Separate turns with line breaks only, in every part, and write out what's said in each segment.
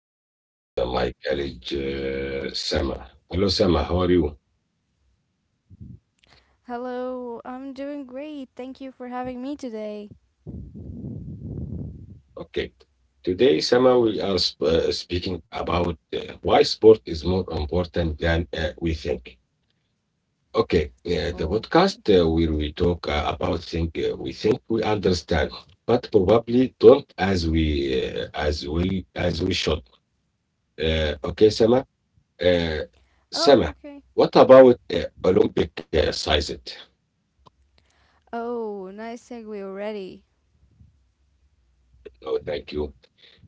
with my colleague Sama. Hello, Sama. How are you?
Hello, I'm doing great. Thank you for having me today.
Okay. Today, Sama, we are speaking about why sport is more important than we think. Okay, the
Oh,
podcast
okay.
where we talk about things we think we understand, but probably don't as well as we should. Okay, Sama. Uh,
Oh,
Sama,
okay.
what about Olympic sized?
Oh, nice segue already.
Oh, thank you.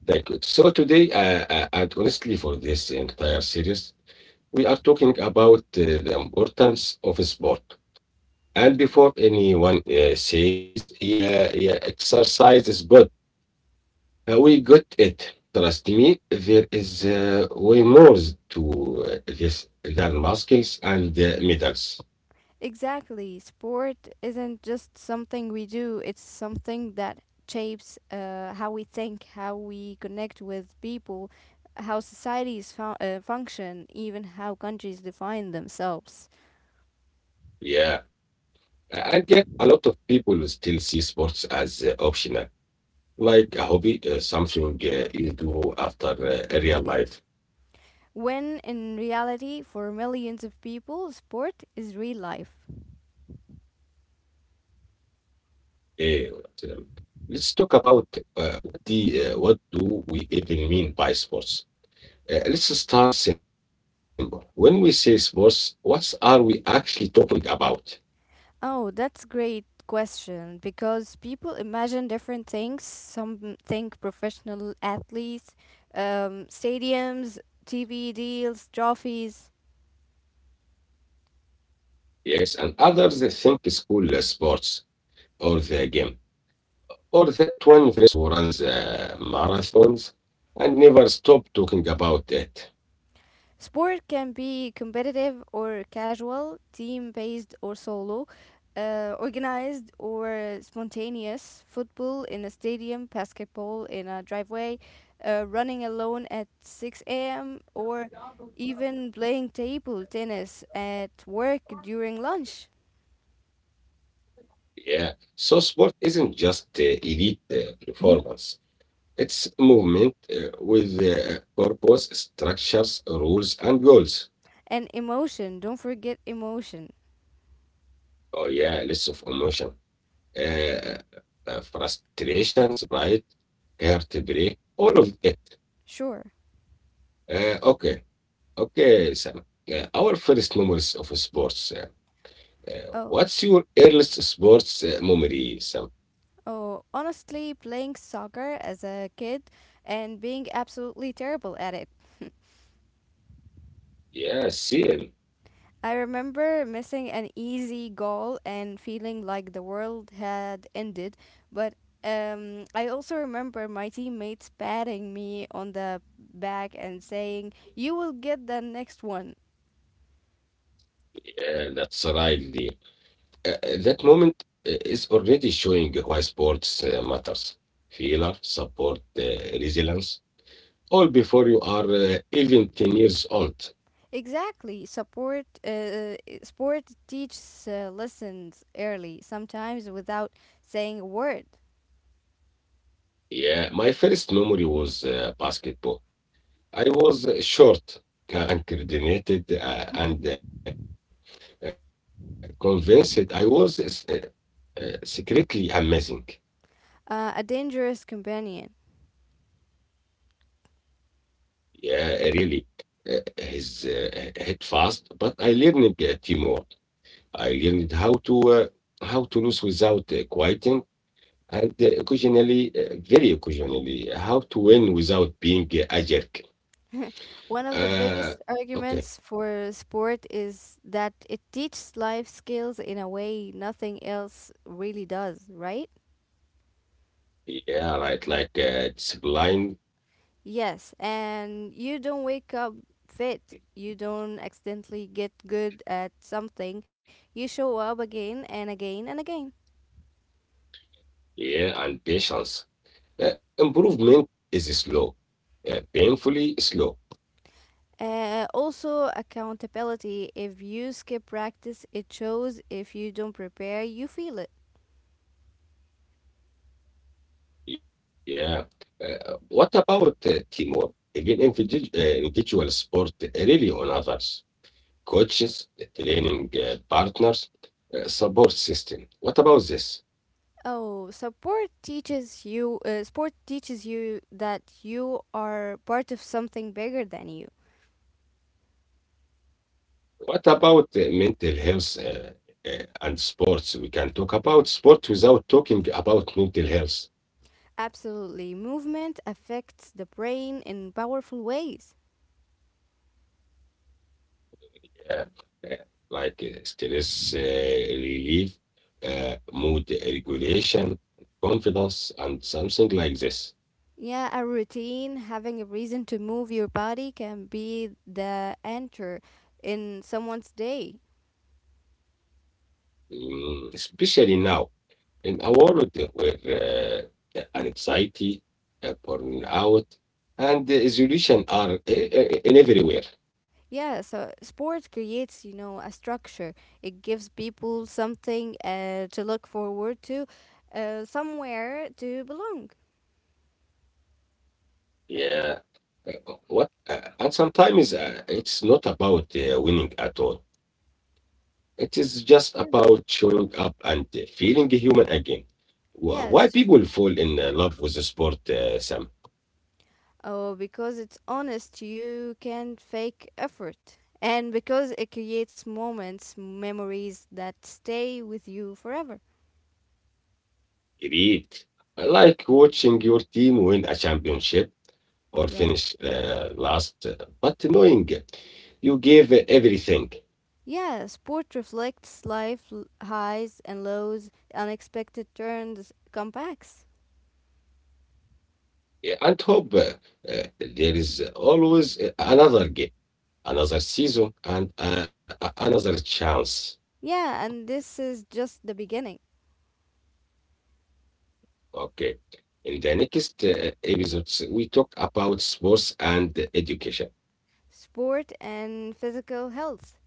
Thank you. So today, and honestly for this entire series, we are talking about the importance of sport. And before anyone says, yeah, yeah, exercise is good, we got it. Trust me, there is way more to this than muscles and medals.
Exactly. Sport isn't just something we do, it's something that shapes how we think, how we connect with people, how societies function, even how countries define themselves.
Yeah, and yet a lot of people will still see sports as optional, like a hobby, something you do after real life.
When in reality, for millions of people, sport is real life.
But let's talk about what do we even mean by sports? Let's start simple. When we say sports, what are we actually talking about?
Oh, that's great question because people imagine different things. Some think professional athletes, stadiums, TV deals, trophies.
Yes, and others they think school sports or the game. Or that one friends who runs marathons and never stop talking about it.
Sport can be competitive or casual, team based or solo, organized or spontaneous. Football in a stadium, basketball in a driveway, running alone at 6 a.m., or even playing table tennis at work during lunch.
Yeah. So sport isn't just elite performance. It's movement with purpose, structures, rules, and goals.
And emotion, don't forget emotion.
Oh yeah, lots of emotion, uh, frustration, pride, heartbreak, all of it.
Sure.
Okay, okay, Sam. Our first memories of sports.
Oh,
What's your earliest sports memory, Sam?
oh, honestly, playing soccer as a kid and being absolutely terrible at it.
Yeah, see,
I remember missing an easy goal and feeling like the world had ended, but I also remember my teammates patting me on the back and saying, "You will get the next one."
yeah, that's right. Lee. That moment is already showing why sports matters. Failure, support, resilience, all before you are even 10 years old.
Exactly. Sport teaches lessons early, sometimes without saying a word.
Yeah, my first memory was basketball. I was short and coordinated and convinced I was secretly amazing.
A dangerous companion.
Yeah, really. His head fast, but I learned teamwork. I learned how to lose without quieting and occasionally, very occasionally, how to win without being a jerk.
One of the biggest
Uh,
arguments
okay.
for sport is that it teaches life skills in a way nothing else really does, right?
Yeah, right. Like discipline,
Yes, and you don't wake up fit. You don't accidentally get good at something. You show up again and again and again.
yeah, and patience. Improvement is slow, painfully slow.
Also, accountability. If you skip practice, it shows. If you don't prepare, you feel it.
Yeah. What about teamwork? Even individual sport really on others, coaches, the training partners, support system. What about this?
Sport teaches you that you are part of something bigger than you.
What about mental health and sports? We can talk about sport without talking about mental health.
Absolutely. Movement affects the brain in powerful ways.
uh, uh, like stress relief, mood regulation, confidence, and something like this.
Yeah, a routine, having a reason to move your body can be the anchor in someone's day.
Mm, especially now in a world where anxiety, burnout, and isolation are in everywhere.
Yeah, so sport creates, you know, a structure. It gives people something to look forward to, somewhere to belong.
Yeah. Uh, What? And sometimes it's not about winning at all. It is just about
Yeah.
showing up and feeling human again. Why people
Yes.
fall in love with the sport, Sam?
Oh, because it's honest, you can't fake effort. And because it creates moments, memories that stay with you forever.
Greed. I like watching your team win a championship or
Yeah.
finish last, but knowing you gave everything.
Yeah, sport reflects life highs and lows, unexpected turns, comebacks.
And hope there is always another game, another season, and another chance.
Yeah, and this is just the beginning.
Okay. In the next episodes, we talk about sports and education,
Sport and physical health,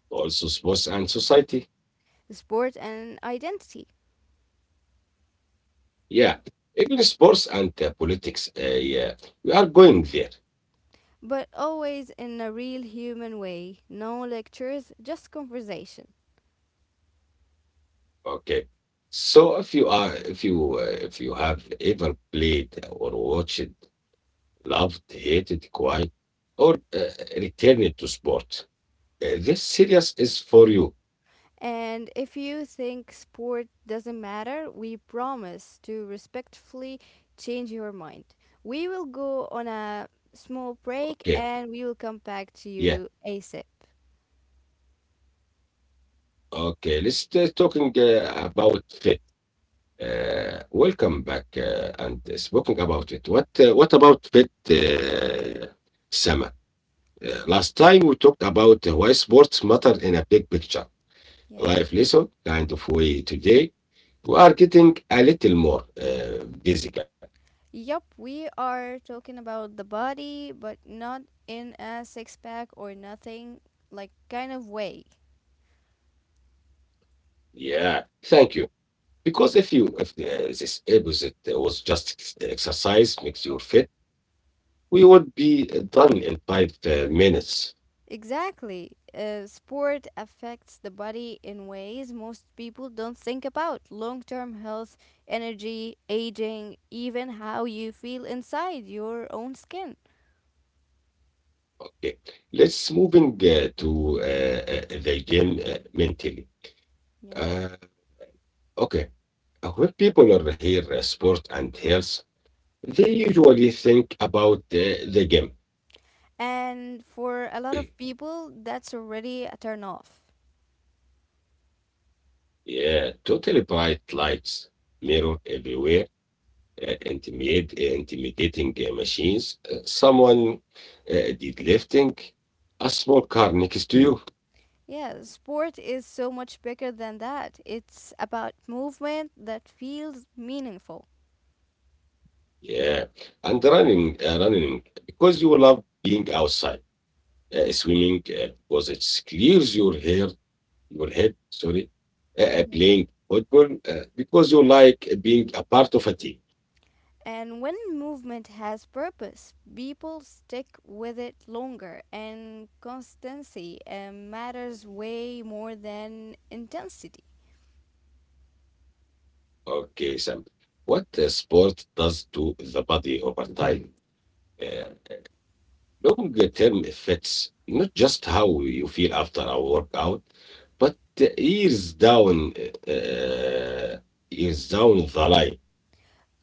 also sports and society.
sport and identity.
Yeah, even sports and politics. Yeah, we are going there.
But always in a real human way. No lectures, just conversation.
Okay. So if you are, if you have ever played or watched loved, hated, quiet, or returned to sport. This series is for you.
And if you think sport doesn't matter, we promise to respectfully change your mind. We will go on a
Okay,
small break and we will
yeah,
come back to you ASAP.
okay. Let's talking about fit. Welcome back and speaking about it. What about fit, Sama? Last time we talked about why sports matter in a big picture.
Yeah.
Life lesson kind of way today. We are getting a little more physical.
Yup, we are talking about the body, but not in a six pack or nothing, like kind of way.
Yeah, thank you. Because if you if this opposite was just exercise makes you fit, we would be done in 5 minutes.
Exactly. Sport affects the body in ways most people don't think about long term health, energy, aging, even how you feel inside your own skin.
Okay, let's moving to the gym mentally.
Yeah.
Uh, okay, when people are here sport and health, they usually think about the gym.
And for a lot of people, that's already a turn off.
yeah, totally bright lights, mirror everywhere, intimidating machines, someone uh, deadlifting a small car next to you,
Yeah, sport is so much bigger than that. It's about movement that feels meaningful.
yeah, and running, running because you love being outside, swimming because it clears your hair, your head, sorry, playing football because you like being a part of a team.
And when movement has purpose, people stick with it longer, and constancy matters way more than intensity.
Okay, Sam, what sport does to the body over time? Yeah. Long term effects, not just how you feel after a workout, but years down, uh, years down the line.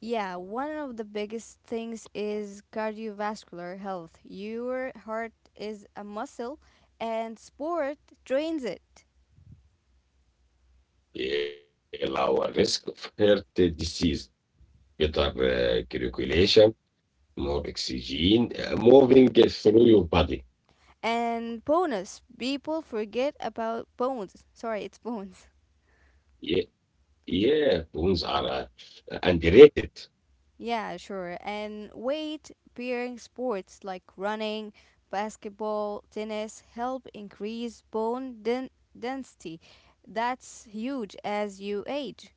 Yeah, one of the biggest things is cardiovascular health. Your heart is a muscle, and sport trains it.
Lower risk of heart disease, better circulation, more oxygen moving through your body.
And bonus, people forget about bones. Sorry, it's bones.
Yeah, yeah, bones are underrated.
Yeah, sure. And weight bearing sports like running, basketball, tennis help increase density. That's huge as you age.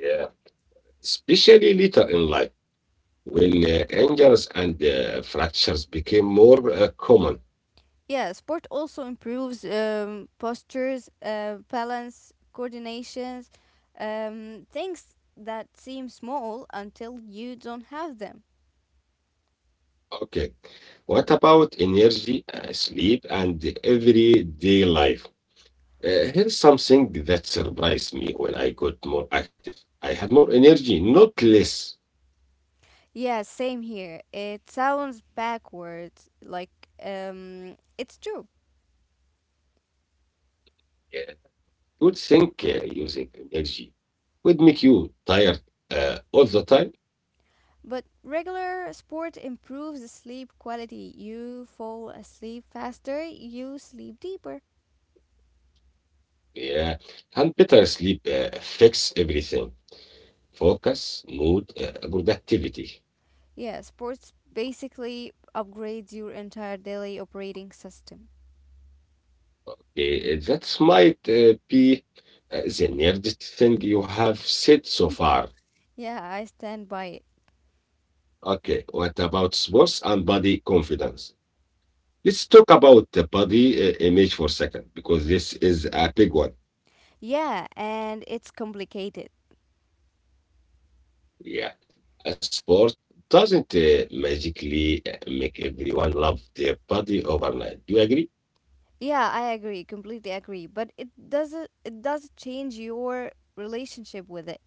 Yeah, especially later in life when injuries and fractures became more common.
Yeah, sport also improves postures, balance, coordinations, things that seem small until you don't have them.
Okay. What about energy, sleep, and everyday life? Here's something that surprised me when I got more active. I had more energy, not less.
Yeah, same here. It sounds backwards, like it's true.
Uh, you would think using energy would make you tired all the time.
But regular sport improves the sleep quality. You fall asleep faster, you sleep deeper.
Yeah, and better sleep fix everything. Focus, mood, productivity.
Yeah, sports basically upgrades your entire daily operating system.
That might be the nerdest thing you have said so far.
Yeah, I stand by it.
Okay, what about sports and body confidence? Let's talk about the body image for a second because this is a big one.
Yeah, and it's complicated.
Yeah, a sport doesn't magically make everyone love their body overnight. Do you agree?
Yeah, I agree, completely agree, but it doesn't it does change your relationship with it.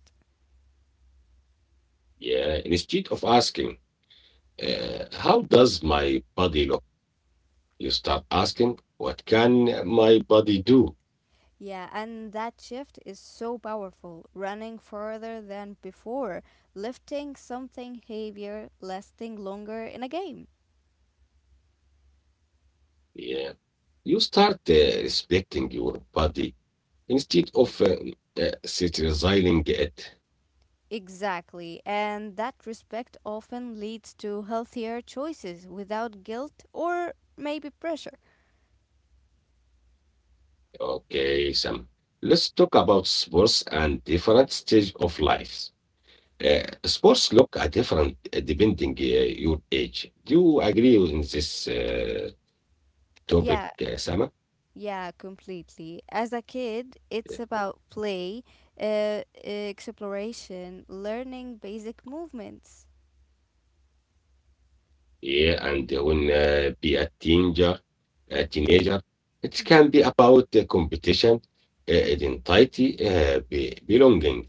Yeah, instead of asking, how does my body look? You start asking, what can my body do?
Yeah, and that shift is so powerful. Running further than before, lifting something heavier, lasting longer in a game.
Yeah, you start respecting your body instead of criticizing it.
Exactly, and that respect often leads to healthier choices without guilt or maybe pressure.
Okay, Sam. Let's talk about sports and different stage of life. Sports look are different depending your age. Do you agree on this topic,
Yeah,
Sama?
yeah, completely. As a kid, it's about play, exploration, learning basic movements.
Yeah, and when be a teenager, it can be about competition, identity, belonging.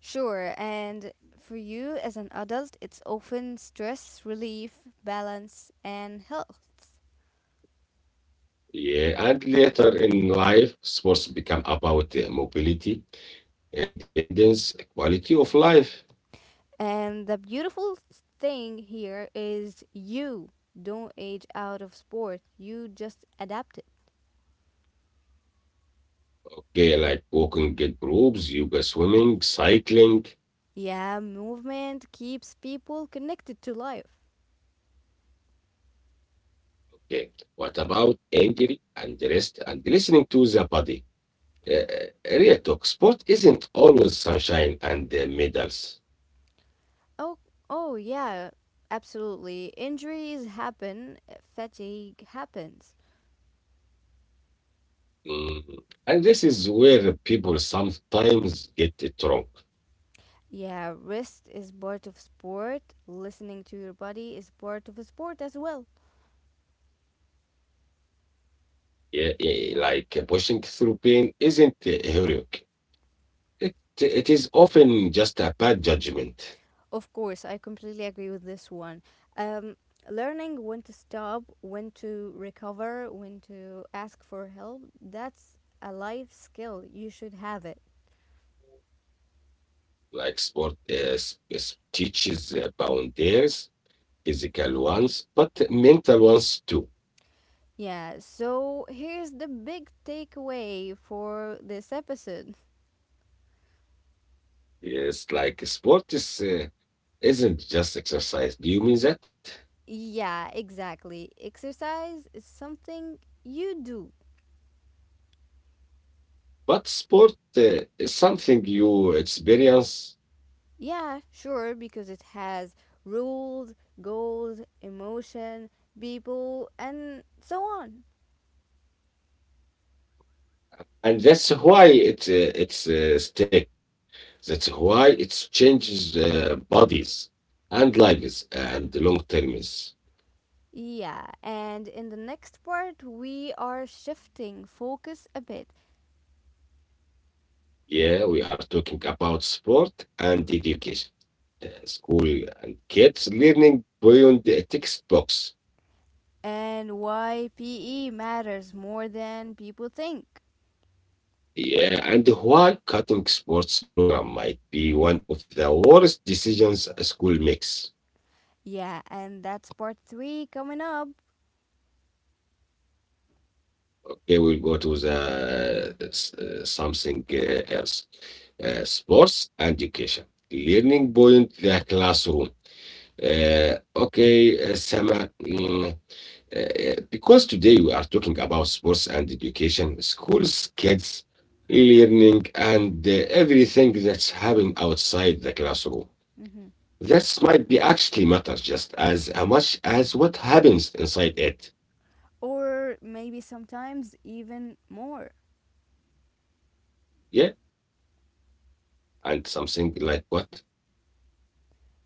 Sure, and for you as an adult, it's often stress relief, balance, and health.
Yeah, and later in life, sports become about mobility and independence, quality of life.
And the beautiful thing here is you don't age out of sport, you just adapt it.
Okay, like walking in groups, yoga, swimming, cycling.
Yeah, movement keeps people connected to life.
Okay, what about injury and rest and listening to the body? Uh, Real talk, sport isn't always sunshine and medals.
Oh, oh yeah, absolutely. Injuries happen, fatigue happens.
Mm. And this is where people sometimes get it wrong.
Yeah, rest is part of sport. Listening to your body is part of a sport as well.
Yeah, yeah, like pushing through pain isn't heroic. It it is often just a bad judgment,
Of course, I completely agree with this one. Um, Learning when to stop, when to recover, when to ask for help, that's a life skill. You should have it.
like sport teaches boundaries, physical ones, but mental ones too.
Yeah, so here's the big takeaway for this episode.
It's like sport is isn't just exercise. Do you mean that?
Yeah, exactly. Exercise is something you do.
But sport is something you experience,
Yeah, sure, because it has rules, goals, emotion, people, and so on.
and that's why it's stick. That's why it changes bodies and lives and long terms.
Yeah, and in the next part, we are shifting focus a bit.
Yeah, we are talking about sport and education. School and kids learning beyond the textbooks.
And why PE matters more than people think.
Yeah, and why cutting sports program might be one of the worst decisions a school makes.
Yeah, and that's part three coming up.
Okay, we'll go to the something else. Sports and education. Learning beyond the classroom. Okay, Sama. Because today we are talking about sports and education, schools, kids, learning, and everything that's happening outside the classroom.
Mhm.
That might be actually matters just as much as what happens inside it.
Or maybe sometimes even more.
Yeah, and something like what?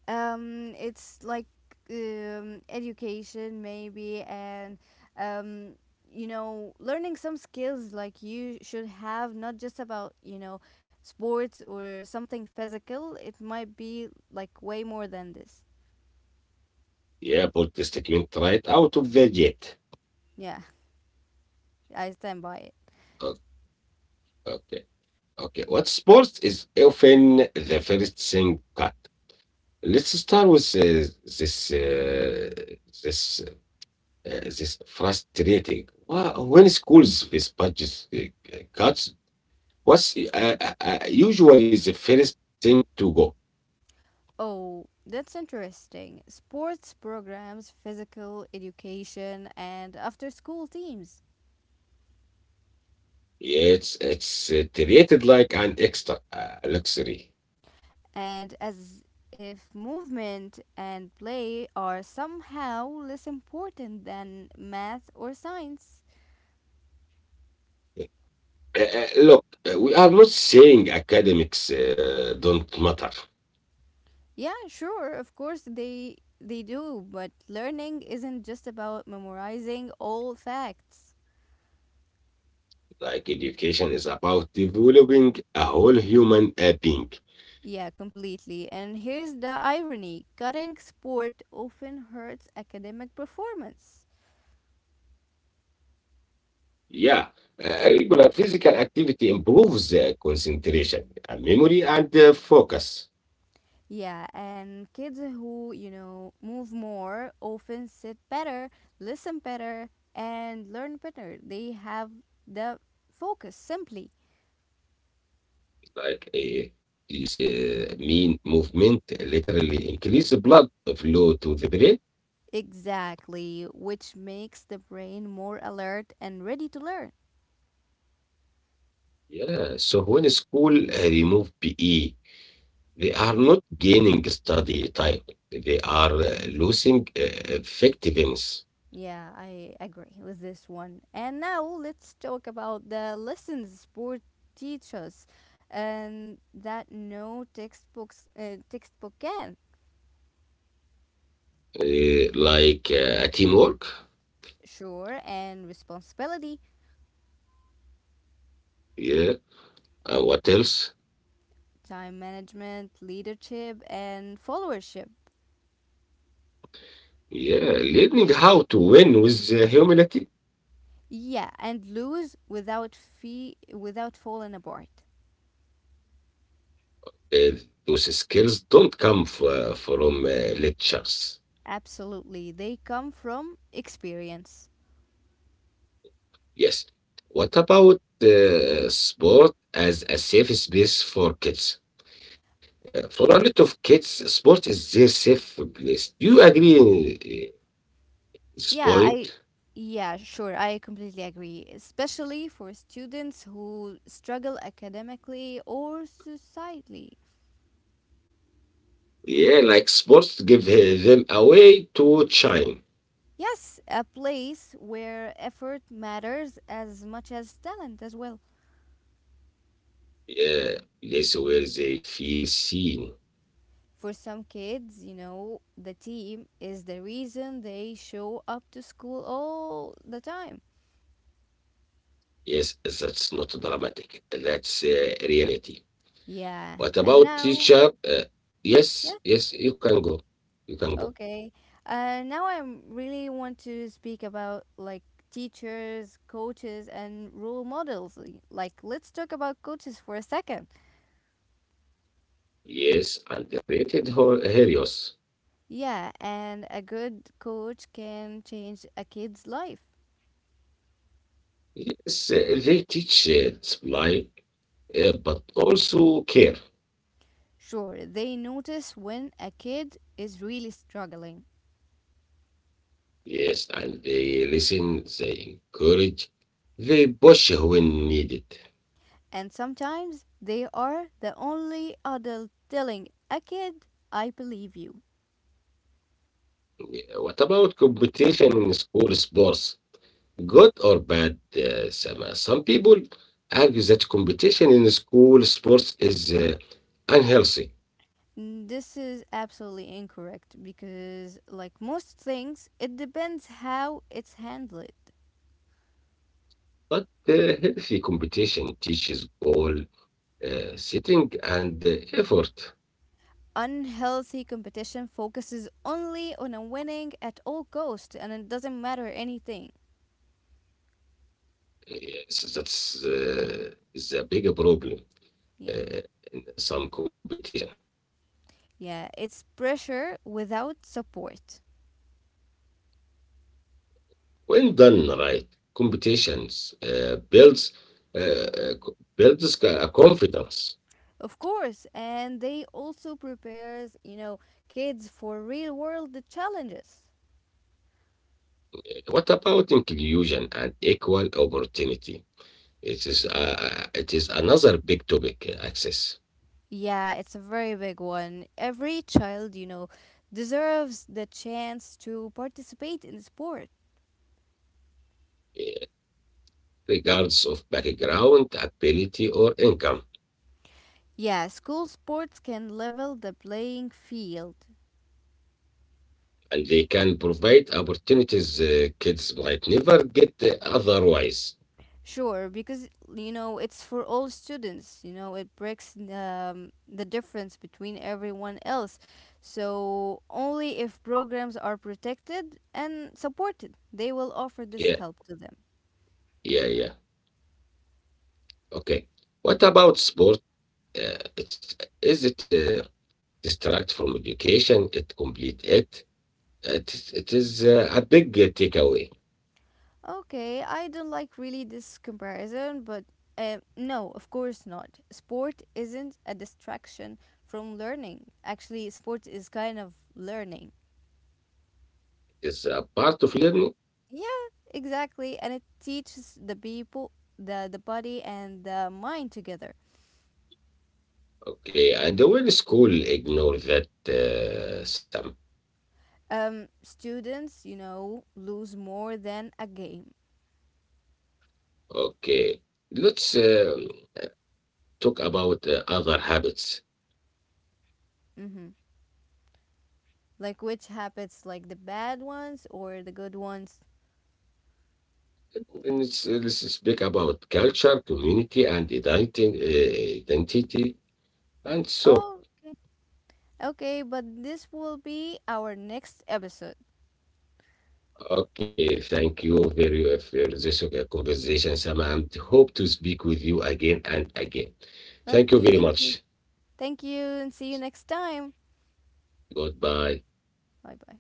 It's like education maybe and um you know learning some skills like you should have not just about you know sports or something physical, it might be like way more than this.
Yeah, pulled the statement right out of the jet.
Yeah, I stand by it.
O- Okay, okay. What sports is often the first thing cut. Let's start with this this frustrating. When schools face budget cuts, what's usually the first thing to go?
Oh, that's interesting. Sports programs, physical education, and after school teams.
It's treated like an extra luxury.
And as if movement and play are somehow less important than math or science.
Uh, Look, we are not saying academics don't matter.
Yeah, sure, of course they do, but learning isn't just about memorizing all facts.
Like education is about developing a whole human being.
Yeah, completely. And here's the irony, cutting sport often hurts academic performance.
Yeah, regular physical activity improves concentration, memory, and focus.
Yeah, and kids who, you know, move more often sit better, listen better, and learn better. They have the focus simply.
Like use mean movement literally increase the blood flow to the brain.
Exactly, which makes the brain more alert and ready to learn.
Yeah, so when school remove PE. They are not gaining study time. They are losing effectiveness,
Yeah, I agree with this one. And now let's talk about the lessons sport teaches and that no textbook can.
like teamwork.
Sure, and responsibility.
Yeah. And what else?
Time management, leadership, and followership.
Yeah. Learning how to win with humility.
Yeah, and lose without fee without falling apart.
Uh, those skills don't come from lectures.
Absolutely. They come from experience.
Yes. What about sport as a safe space for kids? For a lot of kids, sport is their safe place. Do you agree in this
Yeah, I
point?
yeah, sure. I completely agree, especially for students who struggle academically or societally.
Yeah, like sports give them a way to shine.
Yes, a place where effort matters as much as talent as well.
Yeah, place where they feel seen.
For some kids, you know, the team is the reason they show up to school all the time.
Yes, that's not dramatic. That's reality.
Yeah,
What
and
about
now,
teacher?
yeah,
Yes, yes, you can go. You can go.
okay. Now I really want to speak about like teachers, coaches, and role models. Like, let's talk about coaches for a second.
Yes, underrated heroes.
Yeah, and a good coach can change a kid's life.
Yes, they teach display, but also care.
Sure, they notice when a kid is really struggling.
Yes, and they listen, they encourage, they push when needed.
And sometimes they are the only adult telling a kid, I believe you.
What about competition in school sports? Good or bad, Sama? Some people argue that competition in school sports is unhealthy,
Mm, this is absolutely incorrect because, like most things, it depends how it's handled.
but healthy competition teaches goal setting and effort.
Unhealthy competition focuses only on a winning at all cost and it doesn't matter anything.
Yes, that's uh, is a bigger problem
Yeah.
uh, in some competition.
Yeah, it's pressure without support.
When done right, competitions builds builds a confidence.
Of course, and they also prepares, you know, kids for real world challenges.
What about inclusion and equal opportunity? It is uh, it is another big topic. Access,
Yeah, it's a very big one. Every child, you know, deserves the chance to participate in sport.
uh, regards of background, ability, or income,
Yeah, school sports can level the playing field.
and they can provide opportunities kids might never get otherwise.
Sure, because you know it's for all students. You know it breaks the difference between everyone else. So only if programs are protected and supported, they will offer this
Yeah,
help to them.
yeah, yeah. Okay. What about sport? It's is it distract from education? It complete it. It is a big takeaway.
Okay, I don't like really this comparison, but no, of course not. Sport isn't a distraction from learning. Actually, sport is kind of learning.
It's a part of learning.
Yeah, exactly, and it teaches the people, the body and the mind together.
Okay, and the word school ignore that some.
Students, you know, lose more than a game.
Okay, let's talk about other habits.
Mm-hmm. Like which habits, like the bad ones or the good ones?
Let's speak about culture, community, and identity, and so.
Oh, okay. Okay, but this will be our next episode.
Okay, thank you very much for this conversation, Sam, and hope to speak with you again and again. Thank you
Okay,
very
thank you.
much.
Thank you and see you next time.
Goodbye.
Bye bye.